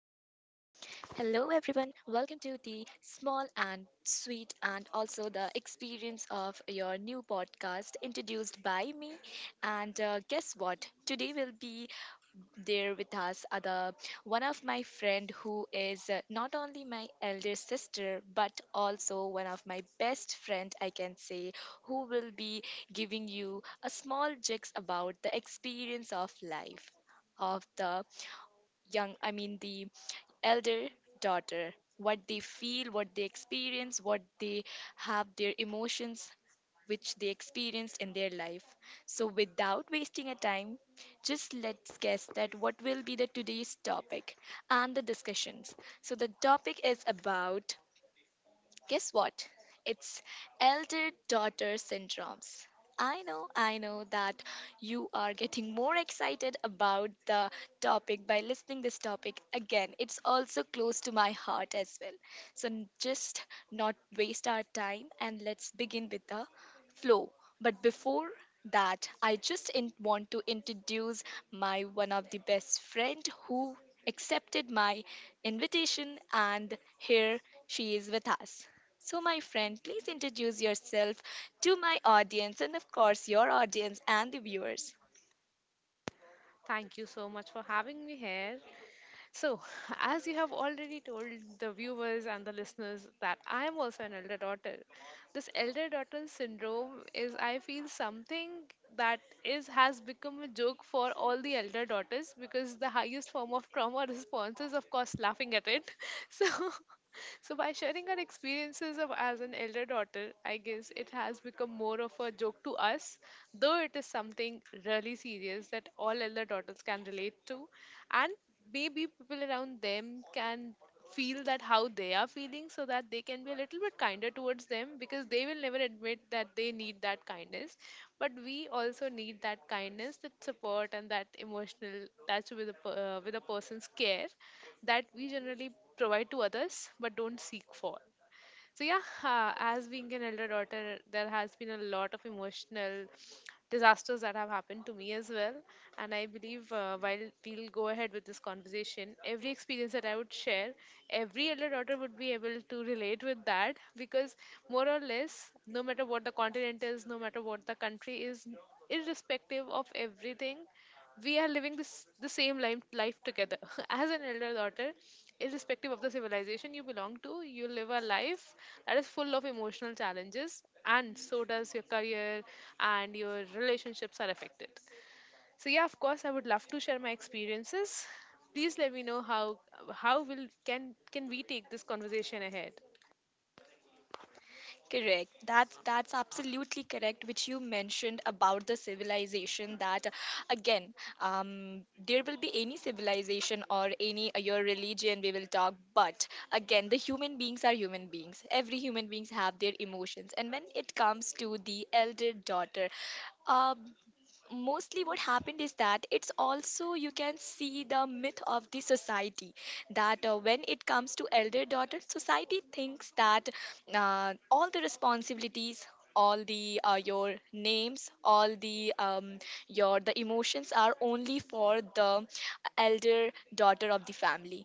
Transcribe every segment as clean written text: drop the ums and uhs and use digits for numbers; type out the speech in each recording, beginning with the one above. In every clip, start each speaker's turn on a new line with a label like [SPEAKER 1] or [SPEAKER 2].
[SPEAKER 1] everyone. Welcome to the small and sweet and also the experience of your new podcast introduced by me. And guess what? Today will be there with us other one of my friend who is not only my elder sister but also one of my best friend I can say, who will be giving you a small jigs about the experience of life of the young, I mean, the elder daughter, what they feel, what they experience, what they have, their emotions which they experienced in their life. So, without wasting a time, just let's guess that what will be the today's topic and the discussions. So, the topic is about, guess what? It's elder daughter syndromes. I know that you are getting more excited about the topic by listening this topic again. It's also close to my heart as well. So just not waste our time and let's begin with the flow. But before that, I just want to introduce my one of the best friend who accepted my invitation, and here she is with us. So, my friend, please introduce yourself to my audience and, of course, your audience and the viewers.
[SPEAKER 2] Thank you so much for having me here. So, as you have already told the viewers and the listeners that I am also an elder daughter. This elder daughter syndrome is, I feel, something that is has become a joke for all the elder daughters because the highest form of trauma response is, of course, laughing at it. So, so, by sharing our experiences of as an elder daughter, I guess it has become more of a joke to us, though it is something really serious that all elder daughters can relate to, and maybe people around them can feel that how they are feeling so that they can be a little bit kinder towards them, because they will never admit that they need that kindness, but we also need that kindness, that support, and that emotional touch with with a person's care that we generally provide to others but don't seek for. So, yeah, as being an elder daughter, there has been a lot of emotional disasters that have happened to me as well. And I believe while we'll go ahead with this conversation, every experience that I would share, every elder daughter would be able to relate with that, because more or less, no matter what the continent is, no matter what the country is, irrespective of everything, we are living this, the same life, together. As an elder daughter, irrespective of the civilization you belong to, you live a life that is full of emotional challenges, and so does your career, and your relationships are affected. So yeah, of course, I would love to share my experiences. Please let me know how will can we take this conversation ahead.
[SPEAKER 1] Correct. That's absolutely correct, which you mentioned about the civilization. That Again, there will be any civilization or any your religion we will talk, but again, the human beings are human beings. Every human beings have their emotions, and when it comes to the elder daughter, uh, mostly what happened is that it's also you can see the myth of the society, that when it comes to elder daughter, society thinks that all the responsibilities, all the your names, all the your the emotions are only for the elder daughter of the family.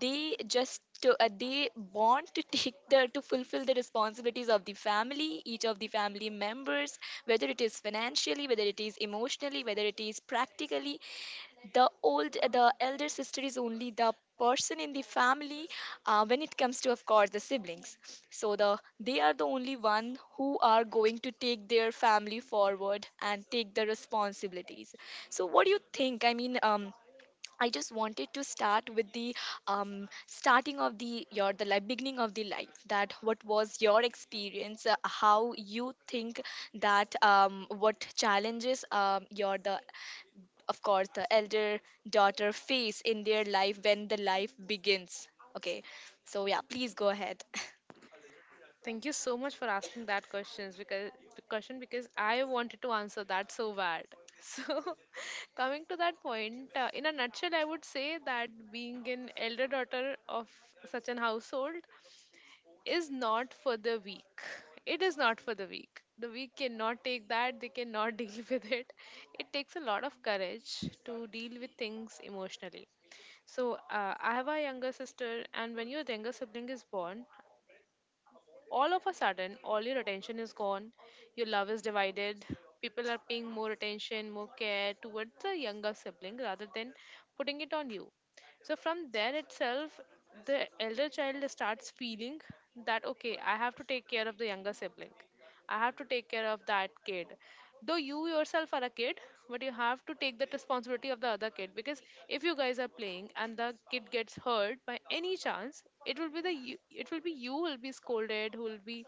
[SPEAKER 1] They just they want to take the to fulfill the responsibilities of the family, each of the family members, whether it is financially, whether it is emotionally, whether it is practically. The old the elder sister is only the person in the family, when it comes to, of course, the siblings. So they are the only one who are going to take their family forward and take the responsibilities. So what do you think? I mean, I just wanted to start with the starting of the your the life, beginning of the life, that what was your experience. How you think that what challenges your the, of course, the elder daughter face in their life when the life begins. Okay, so yeah, please go ahead.
[SPEAKER 2] Thank you so much for asking that questions, because the question because I wanted to answer that so bad. So coming to that point, in a nutshell, I would say that being an elder daughter of such an household is not for the weak. It is not for the weak. The weak cannot take that. They cannot deal with it. It takes a lot of courage to deal with things emotionally. So I have a younger sister, and when your younger sibling is born, all of a sudden, all your attention is gone, your love is divided. People are paying more attention, more care, towards the younger sibling rather than putting it on you. So from there itself, the elder child starts feeling that, okay, I have to take care of the younger sibling. I have to take care of that kid. Though you yourself are a kid, but you have to take that responsibility of the other kid, because if you guys are playing and the kid gets hurt by any chance, it will be it will be you who will be scolded, who will be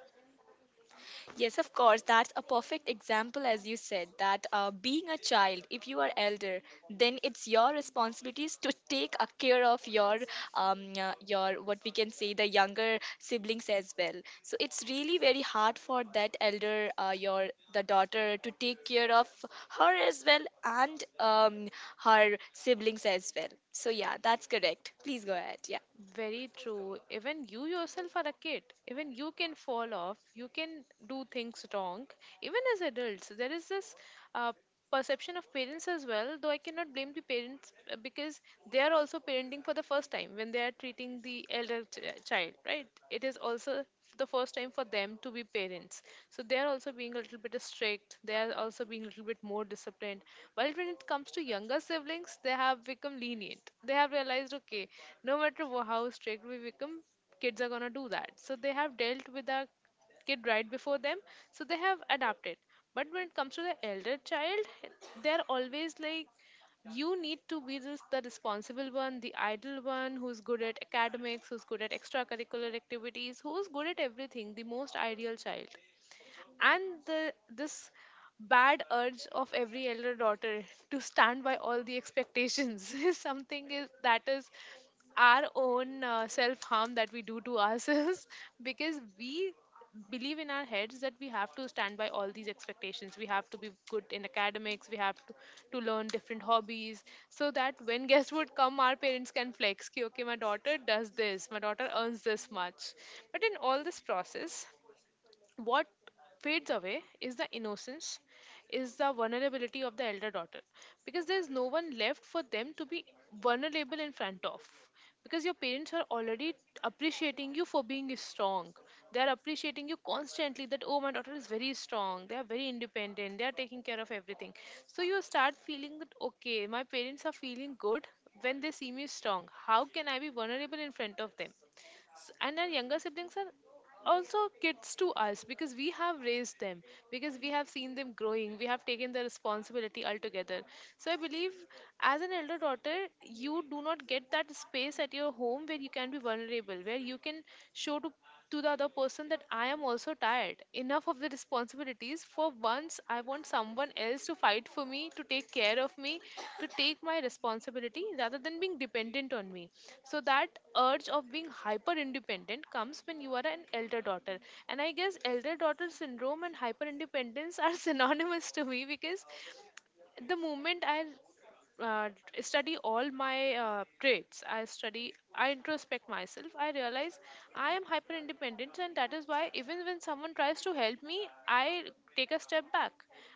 [SPEAKER 1] Yes, of course. That's a perfect example, as you said, that being a child, if you are elder, then it's your responsibilities to take a care of your what we can say, the younger siblings as well. So it's really very hard for that elder, your the daughter, to take care of her as well and her siblings as well. So yeah, that's correct. Please go ahead. Yeah.
[SPEAKER 2] Very true. Even you yourself are a kid. Even you can fall off. You can do things wrong. Even as adults, there is this uh, perception of parents as well. Though I cannot blame the parents because they are also parenting for the first time when they are treating the elder child, right? It is also the first time for them to be parents, so they are also being a little bit strict, they are also being a little bit more disciplined, while when it comes to younger siblings, they have become lenient. They have realized, okay, no matter how strict we become, kids are going to do that, so they have dealt with our kid right before them, so they have adapted. But when it comes to the elder child, they're always like, you need to be this, the responsible one, the idle one, who's good at academics, who's good at extracurricular activities, who's good at everything, the most ideal child. And this bad urge of every elder daughter to stand by all the expectations is something is that is our own self harm that we do to ourselves, because we believe in our heads that we have to stand by all these expectations. We have to be good in academics, we have to learn different hobbies, so that when guests would come, our parents can flex ki, okay, my daughter does this, my daughter earns this much. But in all this process, what fades away is the innocence, is the vulnerability of the elder daughter, because there is no one left for them to be vulnerable in front of. Because your parents are already appreciating you for being strong. They are appreciating you constantly that, oh, my daughter is very strong. They are very independent. They are taking care of everything. So you start feeling that, okay, my parents are feeling good when they see me strong. How can I be vulnerable in front of them? And our younger siblings are also kids to us, because we have raised them, because we have seen them growing, we have taken the responsibility altogether. So I believe, as an elder daughter, you do not get that space at your home where you can be vulnerable, where you can show to the other person that I am also tired enough of the responsibility responsibilities. For once, I want someone else to fight for me, to take care of me, to take my responsibility rather than being dependent on me. So that urge of being hyper independent comes when you are an elder daughter. And I guess elder daughter syndrome and hyper independence are synonymous to me, because the moment I uh, study all my traits, I study, I introspect myself, I realize I am hyper independent, and that is why even when someone tries to help me, I take a step back.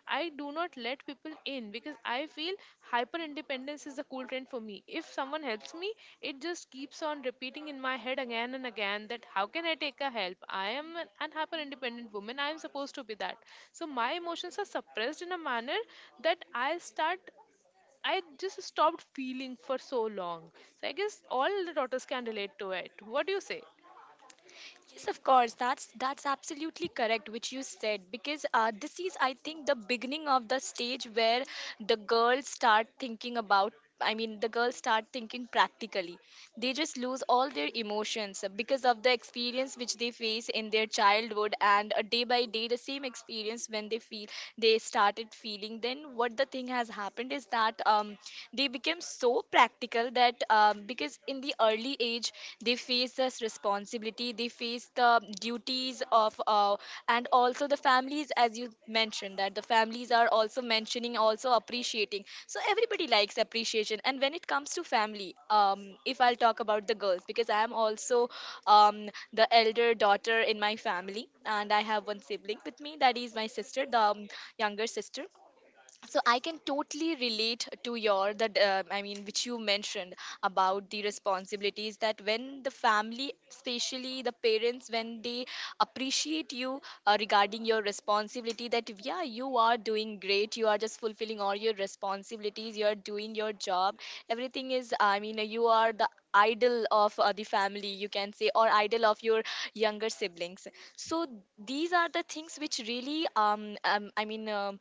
[SPEAKER 2] I do not let people in, because I feel hyper independence is a cool trend for me. If someone helps me, it just keeps on repeating in my head again and again that how can I take a help? I am an hyper independent woman. I am supposed to be that. So my emotions are suppressed in a manner that I just stopped feeling for so long. So I guess all the daughters can relate to it. What do you say?
[SPEAKER 1] Yes, of course. That's absolutely correct, which you said, because this is, I think, the beginning of the stage where the girls start thinking about. I mean, the girls start thinking practically. They just lose all their emotions because of the experience which they face in their childhood, and day by day, the same experience when they feel they started feeling. Then what the thing has happened is that they became so practical people that because in the early age they face this responsibility, they face the duties of and also the families, as you mentioned, that the families are also mentioning, also appreciating. So everybody likes appreciation. And when it comes to family, if I'll talk about the girls, because I am also the elder daughter in my family, and I have one sibling with me, that is my sister, the younger sister. So I can totally relate to your, that I mean, which you mentioned about the responsibilities, that when the family, especially the parents, when they appreciate you regarding your responsibility, that yeah, you are doing great, you are just fulfilling all your responsibilities, you are doing your job, everything is, I mean, you are the idol of the family, you can say, or idol of your younger siblings. So these are the things which really I mean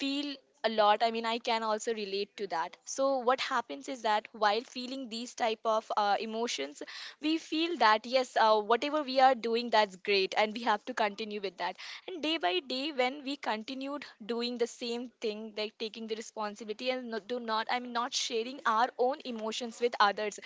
[SPEAKER 1] feel a lot. I mean, I can also relate to that. So what happens is that while feeling these type of emotions, we feel that yes, whatever we are doing, that's great and we have to continue with that. And day by day, when we continued doing the same thing like taking the responsibility and no, do not, I'm not sharing our own emotions with others,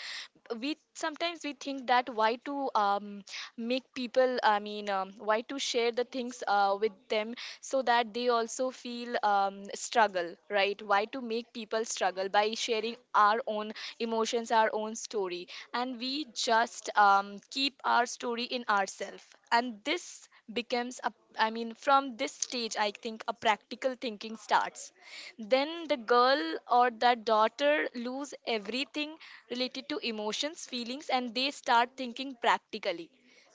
[SPEAKER 1] we sometimes we think that why to um, make people, I mean, why to share the things with them, so that they also feel struggle, right? Why to make people struggle by sharing our own emotions, our own story? And we just keep our story in ourselves. And this becomes a, I mean, from this stage, I think, a practical thinking starts. Then the girl or that daughter lose everything related to emotions, feelings, and they start thinking practically.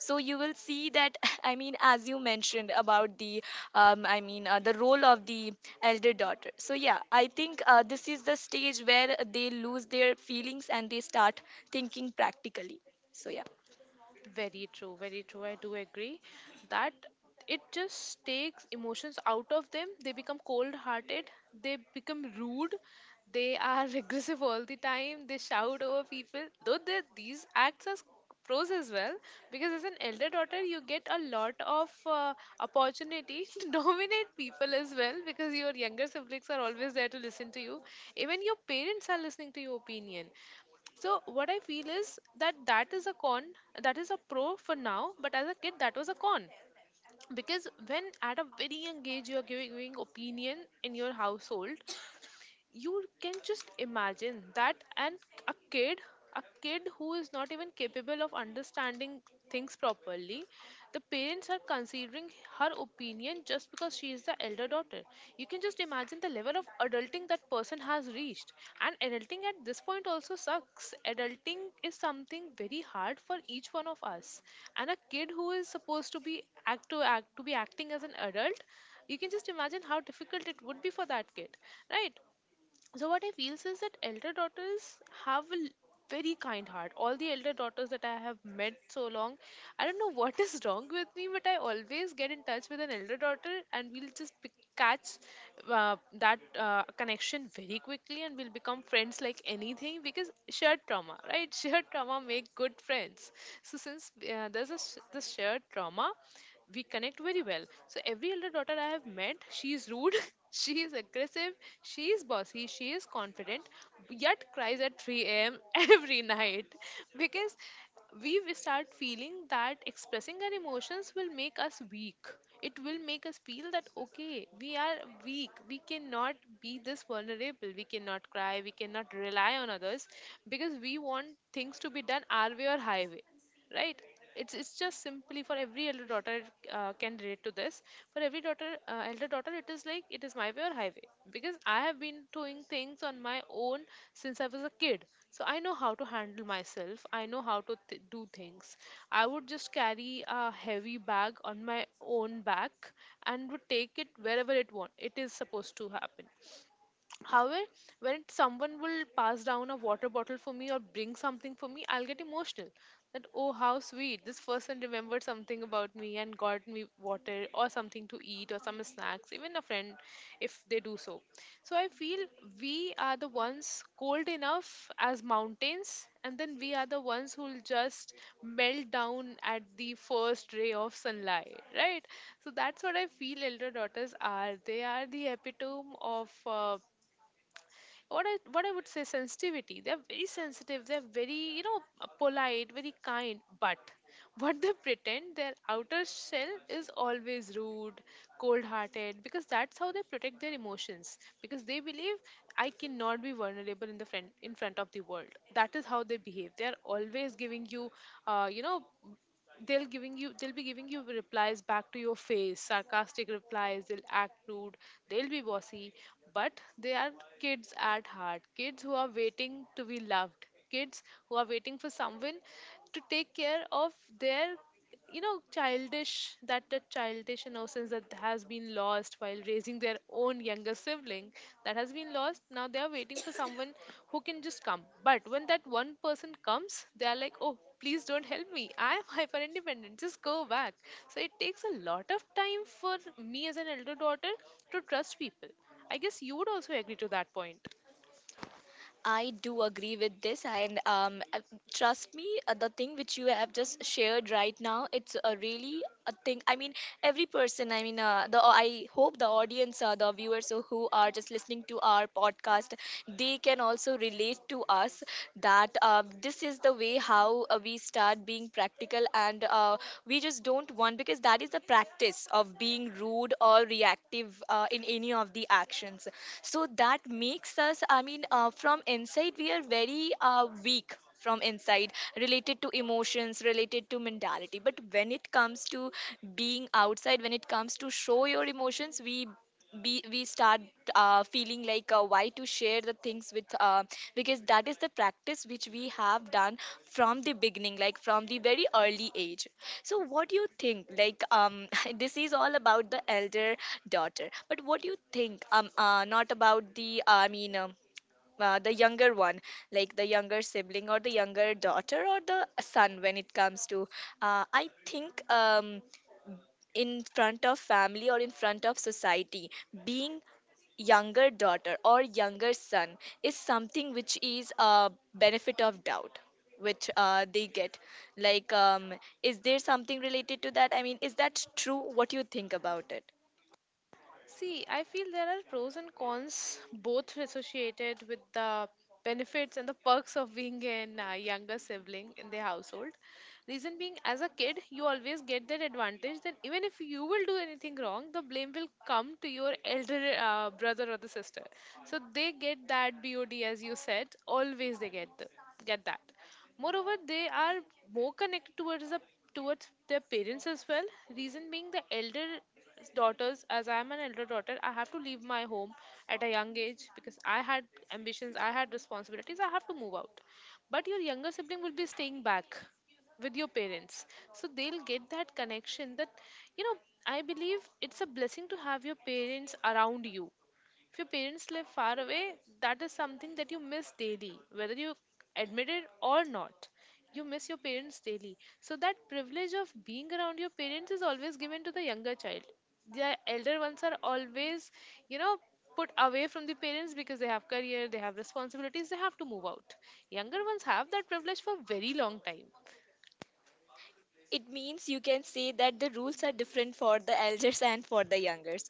[SPEAKER 1] So you will see that I mean, as you mentioned about the I mean, the role of the elder daughter. So yeah, I think this is the stage where they lose their feelings and they start thinking practically. So yeah.
[SPEAKER 2] Very true, very true. I do agree that it just takes emotions out of them. They become cold hearted, they become rude, they are regressive all the time, they shout over people. Though these acts are pros as well, because as an elder daughter, you get a lot of opportunity to dominate people as well, because your younger siblings are always there to listen to you. Even your parents are listening to your opinion. So what I feel is that that is a pro for now, but as a kid that was a con, because when at a very young age you're giving opinion in your household, you can just imagine that. And a kid a kid who is not even capable of understanding things properly, the parents are considering her opinion just because she is the elder daughter. You can just imagine the level of adulting that person has reached. And adulting at this point also sucks. Adulting is something very hard for each one of us, and a kid who is supposed to be act to act to be acting as an adult, you can just imagine how difficult it would be for that kid, right? So what I feel is that elder daughters have very kind heart. All the elder daughters that I have met so long, I don't know what is wrong with me, but I always get in touch with an elder daughter, and we'll just catch that connection very quickly, and we'll become friends like anything, because shared trauma, right? Shared trauma make good friends. So since this shared trauma, we connect very well. So every elder daughter I have met, she is rude, she is aggressive, she is bossy, she is confident, yet cries at 3 a.m. every night, because we will start feeling that expressing our emotions will make us weak. It will make us feel that okay, we are weak, we cannot be this vulnerable, we cannot cry, we cannot rely on others, because we want things to be done our way or highway, right? It's just simply for every elder daughter, can relate to this. For every daughter, elder daughter, it is like it is my way or highway, because I have been doing things on my own since I was a kid. So I know how to handle myself, I know how to do things. I would just carry a heavy bag on my own back and would take it wherever it want, it is supposed to happen. However, when someone will pass down a water bottle for me or bring something for me, I'll get emotional. That, oh, how sweet. This person remembered something about me and got me water or something to eat or some snacks, even a friend if they do so. So I feel we are the ones cold enough as mountains, and then we are the ones who'll just melt down at the first ray of sunlight, right? So that's what I feel elder daughters are. They are the epitome of. What I would say, sensitivity. They're very sensitive. They're very, you know, polite, very kind. But what they pretend, their outer shell is always rude, cold-hearted, because that's how they protect their emotions. Because they believe I cannot be vulnerable in the front, in front of the world. That is how they behave. They are always giving you, you know, they'll be giving you replies back to your face, sarcastic replies. They'll act rude, they'll be bossy, but they are kids at heart. Kids who are waiting to be loved, kids who are waiting for someone to take care of their, you know, childish, that childish innocence that has been lost while raising their own younger sibling, that has been lost. Now they are waiting for someone who can just come, but when that one person comes, they are like, oh please don't help me, I am hyper independent, just go back. So it takes a lot of time for me as an elder daughter to trust people. I guess you would also agree to that point.
[SPEAKER 1] I do agree with this, and trust me, the thing which you have just shared right now, it's a really a thing. I mean, every person, I mean, the I hope the audience, the viewers who are just listening to our podcast, they can also relate to us, that this is the way how we start being practical and we just don't want, because that is the practice of being rude or reactive in any of the actions. So that makes us, I mean, from inside we are very weak from inside, related to emotions, related to mentality. But when it comes to being outside, when it comes to show your emotions, we start feeling like why to share the things with, because that is the practice which we have done from the beginning, like from the very early age. So what do you think, like, this is all about the elder daughter, but what do you think not about the, I mean, the younger one, like the younger sibling or the younger daughter or the son? When it comes to I think in front of family or in front of society, being younger daughter or younger son is something which is a benefit of doubt, which they get, like, is there something related to that? I mean, is that true? What you think about it?
[SPEAKER 2] See, I feel there are pros and cons, both associated with the benefits and the perks of being an younger sibling in the household. Reason being, as a kid, you always get that advantage that even if you will do anything wrong, the blame will come to your elder brother or the sister. So they get that BOD, as you said, always they get, the, get that. Moreover, they are more connected towards the towards their parents as well. Reason being, the elder daughters, as I am an elder daughter, I have to leave my home at a young age because I had ambitions, I had responsibilities, I have to move out. But your younger sibling will be staying back with your parents, so they'll get that connection. That, you know, I believe it's a blessing to have your parents around you. If your parents live far away, that is something that you miss daily, whether you admit it or not. You miss your parents daily. So that privilege of being around your parents is always given to the younger child. The elder ones are always, you know, put away from the parents because they have career, they have responsibilities, they have to move out. Younger ones have that privilege for very long time.
[SPEAKER 1] It means you can say that the rules are different for the elders and for the youngers.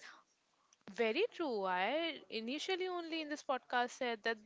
[SPEAKER 2] Very true. I initially only in this podcast said that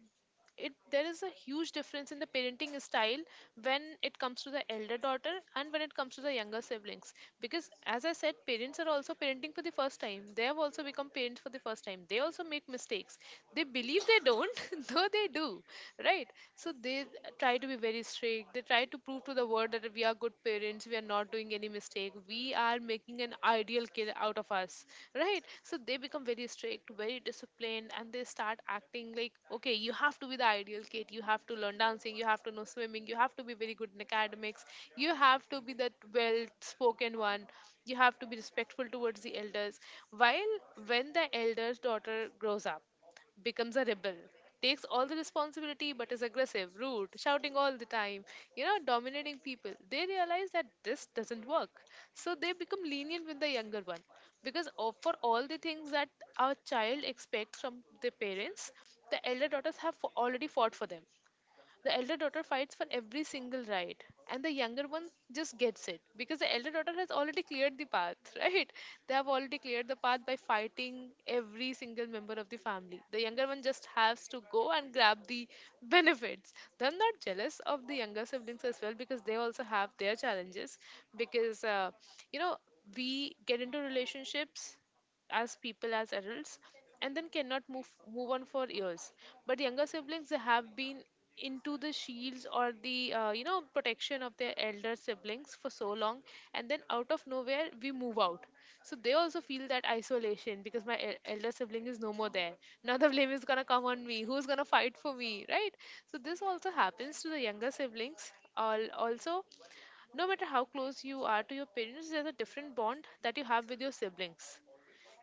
[SPEAKER 2] it there is a huge difference in the parenting style when it comes to the elder daughter and when it comes to the younger siblings. Because as I said, parents are also parenting for the first time. They have also become parents for the first time. They also make mistakes. They believe they don't, though they do. Right? So they try to be very strict. They try to prove to the world word that we are good parents, we are not doing any mistake, we are making an ideal kid out of us, right? So they become very strict, very disciplined, and they start acting like, okay, you have to be the ideal kid, you have to learn dancing, you have to know swimming, you have to be very good in academics, you have to be that well spoken one, you have to be respectful towards the elders. While when the elder's daughter grows up, becomes a rebel, takes all the responsibility but is aggressive, rude, shouting all the time, you know, dominating people. They realize that this doesn't work. So they become lenient with the younger one because for all the things that our child expects from their parents, the elder daughters have already fought for them. The elder daughter fights for every single right, and the younger one just gets it because the elder daughter has already cleared the path, right? They have already cleared the path by fighting every single member of the family. The younger one just has to go and grab the benefits. They're not jealous of the younger siblings as well because they also have their challenges, because, you know, we get into relationships as people, as adults, and then cannot move on for years. But younger siblings, they have been into the shields or the you know, protection of their elder siblings for so long, and then out of nowhere we move out. So they also feel that isolation because my elder sibling is no more there. Now the blame is gonna come on me, who's gonna fight for me, right? So this also happens to the younger siblings. Also, no matter how close you are to your parents, there's a different bond that you have with your siblings.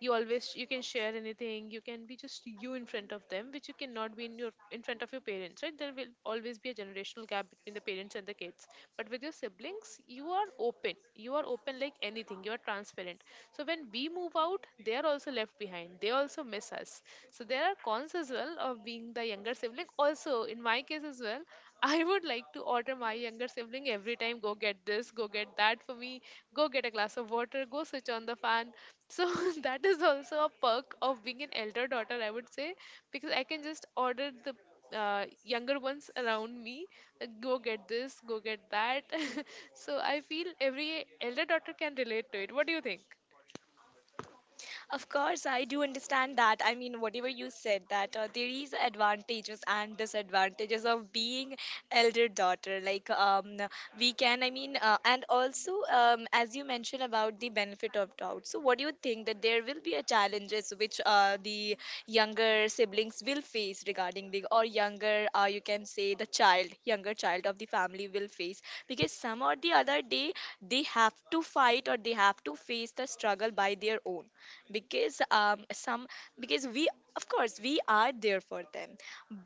[SPEAKER 2] You always, you can share anything, you can be just you in front of them, which you cannot be in your in front of your parents, right? There will always be a generational gap between the parents and the kids, but with your siblings you are open, you are open like anything, you are transparent. So when we move out, they are also left behind, they also miss us. So there are cons as well of being the younger sibling also. In my case as well, I would like to order my younger sibling every time, go get this, go get that for me, go get a glass of water, go switch on the fan. So that is also a perk of being an elder daughter, I would say, because I can just order the younger ones around me, go get this, go get that. So I feel every elder daughter can relate to it. What do you think?
[SPEAKER 1] Of course, I do understand that. I mean, whatever you said, that there is advantages and disadvantages of being elder daughter. Like we can, I mean, and also as you mentioned about the benefit of doubt. So, what do you think, that there will be a challenges which the younger siblings will face regarding the, or younger, you can say the child, younger child of the family will face? Because some or the other day they have to fight, or they have to face the struggle by their own. Because some, because we, of course, we are there for them,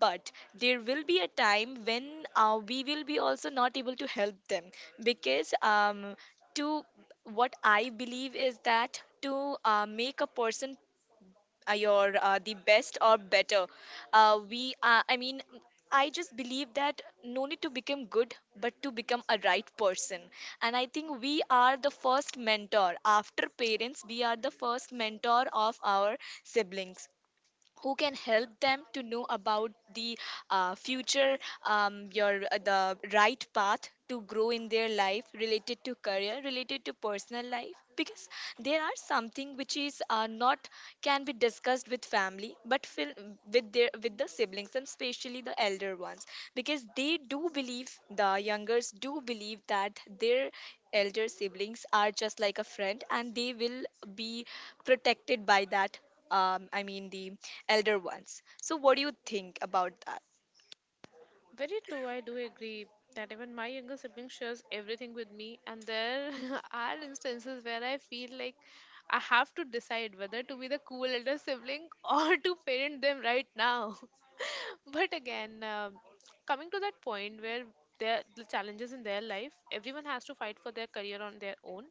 [SPEAKER 1] but there will be a time when we will be also not able to help them. Because to what I believe is that to make a person your the best or better, we, I mean, I just believe that no need to become good, but to become a right person. And I think we are the first mentor after parents, we are the first mentor of our siblings, who can help them to know about the future, your the right path to grow in their life, related to career, related to personal life. Because there are something which is not can be discussed with family, but with their, with the siblings, and especially the elder ones, because they do believe, the youngers do believe, that their elder siblings are just like a friend, and they will be protected by that I mean, the elder ones. So, what do you think about that?
[SPEAKER 2] Very true, I do agree that even my younger sibling shares everything with me, and there are instances where I feel like I have to decide whether to be the cool elder sibling or to parent them right now. But again, coming to that point where the challenges in their life, everyone has to fight for their career on their own.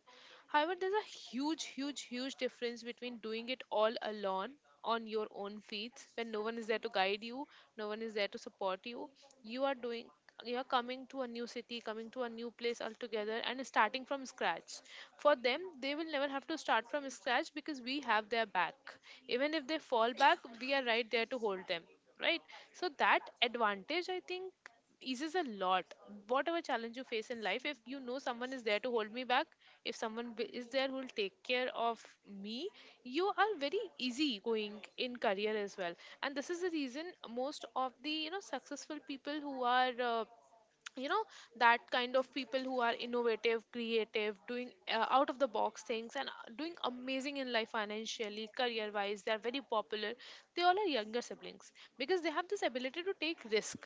[SPEAKER 2] However, there's a huge, huge, huge difference between doing it all alone on your own feet when no one is there to guide you, no one is there to support you. You are doing, you are coming to a new city, coming to a new place altogether and starting from scratch. For them, they will never have to start from scratch because we have their back. Even if they fall back, we are right there to hold them. Right? So that advantage, I think, eases a lot. Whatever challenge you face in life, if you know someone is there to hold me back, if someone is there who will take care of me, you are very easy going in career as well. And this is the reason most of the, you know, successful people who are, you know, that kind of people who are innovative, creative, doing out of the box things, and doing amazing in life financially, career wise, they are very popular. They all are younger siblings, because they have this ability to take risk.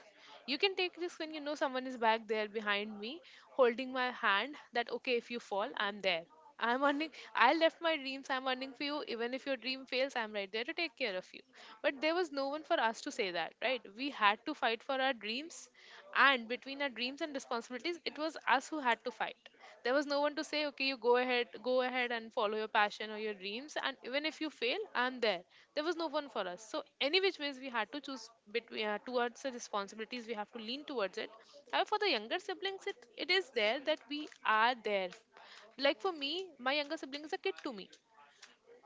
[SPEAKER 2] You can take risk when you know someone is back there behind me holding my hand, that okay, if you fall I'm there. I'm earning, I left my dreams, I'm earning for you. Even if your dream fails, I'm right there to take care of you. But there was no one for us to say that, right? We had to fight for our dreams. And between our dreams and responsibilities, it was us who had to fight. There was no one to say, okay, you go ahead and follow your passion or your dreams. And even if you fail, I'm there. There was no one for us. So, any which ways, we had to choose between towards the responsibilities, we have to lean towards it. However, for the younger siblings, it is there that we are there, like for me, my younger sibling is a kid to me.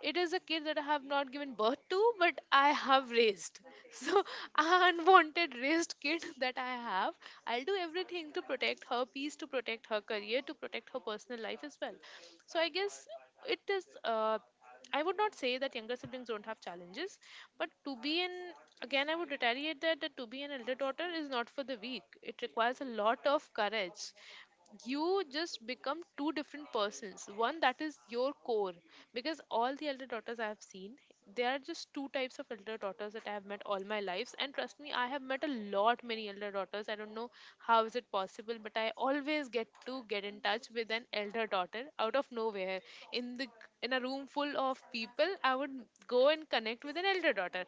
[SPEAKER 2] It is a kid that I have not given birth to, but I have raised. So, unwanted raised kid that I have, I'll do everything to protect her peace, to protect her career, to protect her personal life as well. So, I guess it is. I would not say that younger siblings don't have challenges, but to be an again, I would retaliate that to be an elder daughter is not for the weak. It requires a lot of courage. You just become two different persons, one that is your core, because all the elder daughters I have seen, there are just two types of elder daughters that I have met all my lives, and trust me, I have met a lot many elder daughters. I don't know how is it possible, but I always get to get in touch with then elder daughter out of nowhere. in the in a room full of people, I would go and connect with an elder daughter.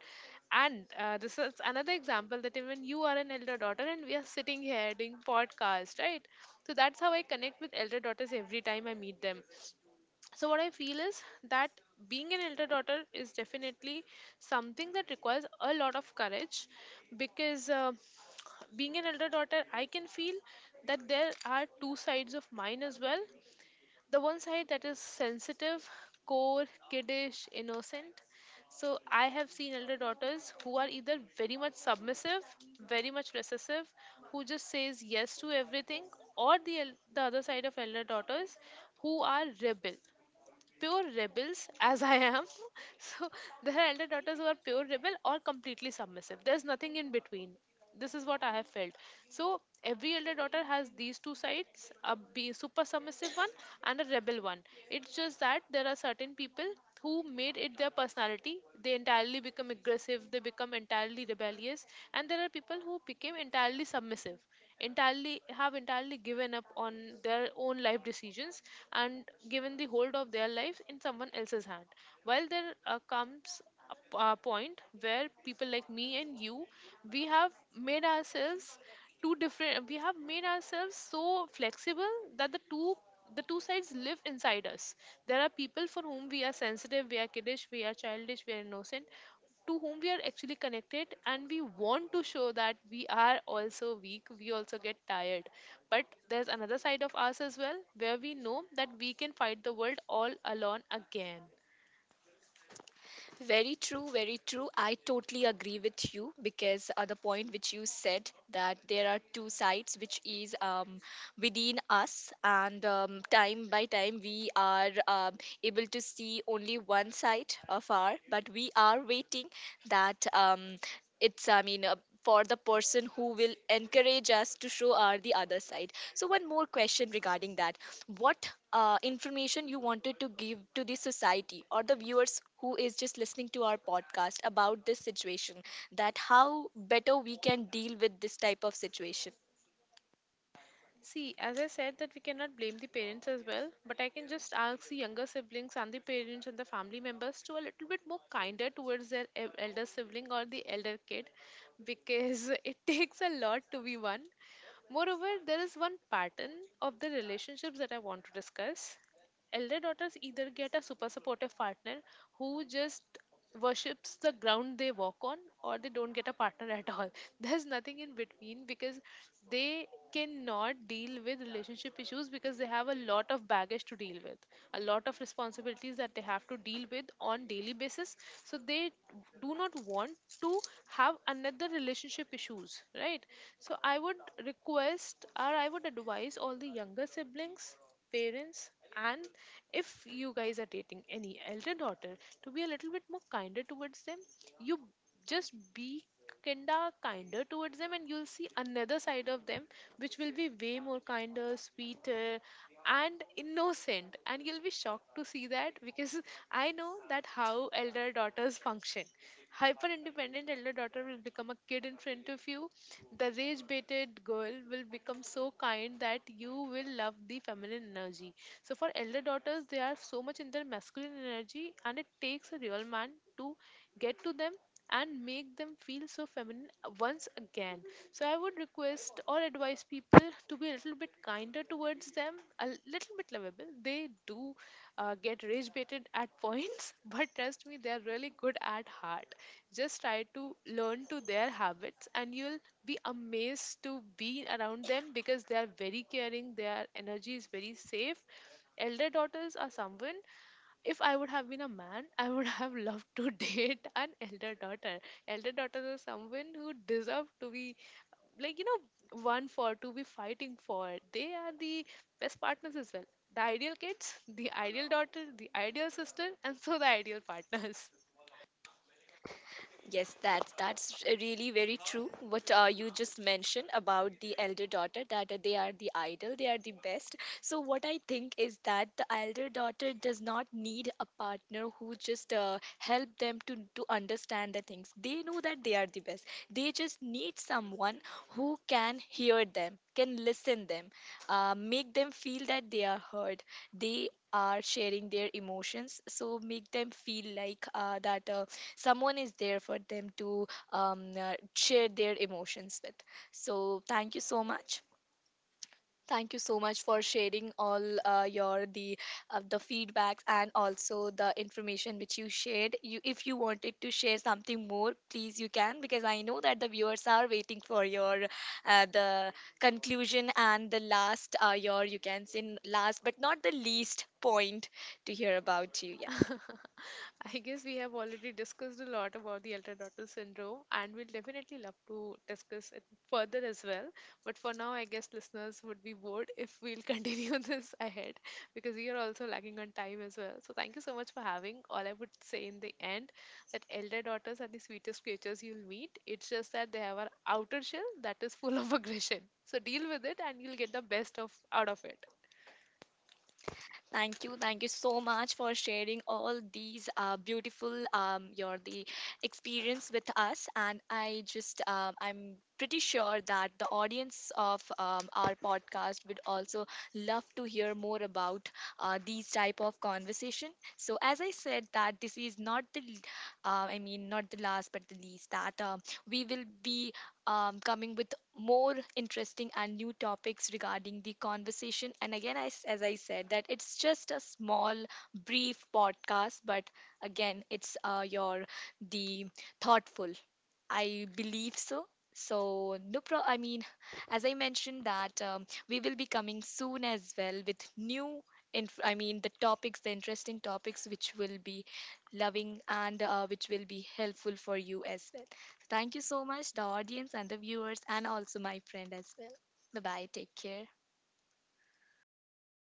[SPEAKER 2] And this is another example that even you are an elder daughter and we are sitting here doing podcast, right? So that's how I connect with elder daughters every time I meet them. So what I feel is that being an elder daughter is definitely something that requires a lot of courage, because being an elder daughter, I can feel that there are two sides of mine as well. The one side that is sensitive, core, kiddish, innocent. So I have seen elder daughters who are either very much submissive, very much recessive, who just says yes to everything, or the other side of elder daughters who are rebel, pure rebels as I am. So there are elder daughters who are pure rebel or completely submissive. There's nothing in between. This is what I have felt. So every elder daughter has these two sides, super submissive one and a rebel one. It's just that there are certain people who made it their personality. They entirely become aggressive, they become entirely rebellious, and there are people who became entirely submissive, entirely have entirely given up on their own life decisions and given the hold of their lives in someone else's hand, while there comes a point where people like me and you, we have made ourselves two different we have made ourselves so flexible that the two sides live inside us. There are people for whom we are sensitive, we are kiddish, we are childish, we are innocent, to whom we are actually connected, and we want to show that we are also weak, we also get tired. But there's another side of us as well, where we know that we can fight the world all alone again.
[SPEAKER 1] Very true, very true. I totally agree with you, because the point which you said, that there are two sides, which is within us, and time by time we are able to see only one side of our, but we are waiting that it's, I mean, for the person who will encourage us to show our the other side. So one more question regarding that: what information you wanted to give to the society or the viewers who is just listening to our podcast about this situation, that how better we can deal with this type of situation?
[SPEAKER 2] See, as I said, that we cannot blame the parents as well, but I can just ask the younger siblings and the parents and the family members to a little bit more kinder towards their elder sibling or the elder kid, because it takes a lot to be one. Moreover, there is one pattern of the relationships that I want to discuss. Elder daughters either get a super supportive partner who just worships the ground they walk on, or they don't get a partner at all. There's nothing in between, because they cannot deal with relationship issues, because they have a lot of baggage to deal with, a lot of responsibilities that they have to deal with on daily basis. So they do not want to have another relationship issues, right? So I would request, or I would advise all the younger siblings, parents, and if you guys are dating any elder daughter, to be a little bit more kinder towards them. You just be kinda kinder towards them, and you'll see another side of them, which will be way more kinder, sweeter, and innocent, and you'll be shocked to see that, because I know that how elder daughters function. Hyper independent elder daughter will become a kid in front of you. The rage baited girl will become so kind that you will love the feminine energy. So, for elder daughters, they are so much in their masculine energy, and it takes a real man to get to them and make them feel so feminine once again. So I would request or advise people to be a little bit kinder towards them, a little bit lovable. They do get rage baited at points, but trust me, they are really good at heart. Just try to learn to their habits, and you'll be amazed to be around them because they are very caring. Their energy is very safe. Elder daughters are someone, if I would have been a man, I would have loved to date an elder daughter. Elder daughters are someone who deserve to be, like, you know, one for to be fighting for. They are the best partners as well. The ideal kids, the ideal daughter, the ideal sister, and so the ideal partners.
[SPEAKER 1] Yes, that's really very true. What you just mentioned about the elder daughter, that they are the idol, they are the best. So what I think is that the elder daughter does not need a partner who just help them to understand the things. They know that they are the best. They just need someone who can hear them, can listen them, make them feel that they are heard. They are sharing their emotions, so make them feel like that. Someone is there for them to share their emotions with. So thank you so much, thank you so much for sharing all your the feedbacks and also the information which you shared. You, if you wanted to share something more, please you can, because I know that the viewers are waiting for your the conclusion and the last, your, you can say, last but not the least point to hear about you. Yeah.
[SPEAKER 2] I guess we have already discussed a lot about the ultradottle syndrome, and we'll definitely love to discuss it further as well. But for now, I guess listeners would be bored if we'll continue this ahead, because we are also lagging on time as well. So, thank you so much for having. All I would say in the end, that elder daughters are the sweetest creatures you'll meet. It's just that they have an outer shell that is full of aggression. So, deal with it and you'll get the best of out of it.
[SPEAKER 1] Thank you so much for sharing all these beautiful your the experience with us, and I just I'm pretty sure that the audience of our podcast would also love to hear more about these type of conversation. So as I said, that this is not the I mean, not the last but the least, that we will be coming with more interesting and new topics regarding the conversation. And again, I s as I said, that it's just a small, brief podcast, but again, it's your the thoughtful, I believe so. So, no pro, I mean, as I mentioned, that we will be coming soon as well with new. I mean, the topics, the interesting topics, which will be loving and which will be helpful for you as well. Thank you so much, the audience and the viewers, and also my friend as well. Bye bye. Take care.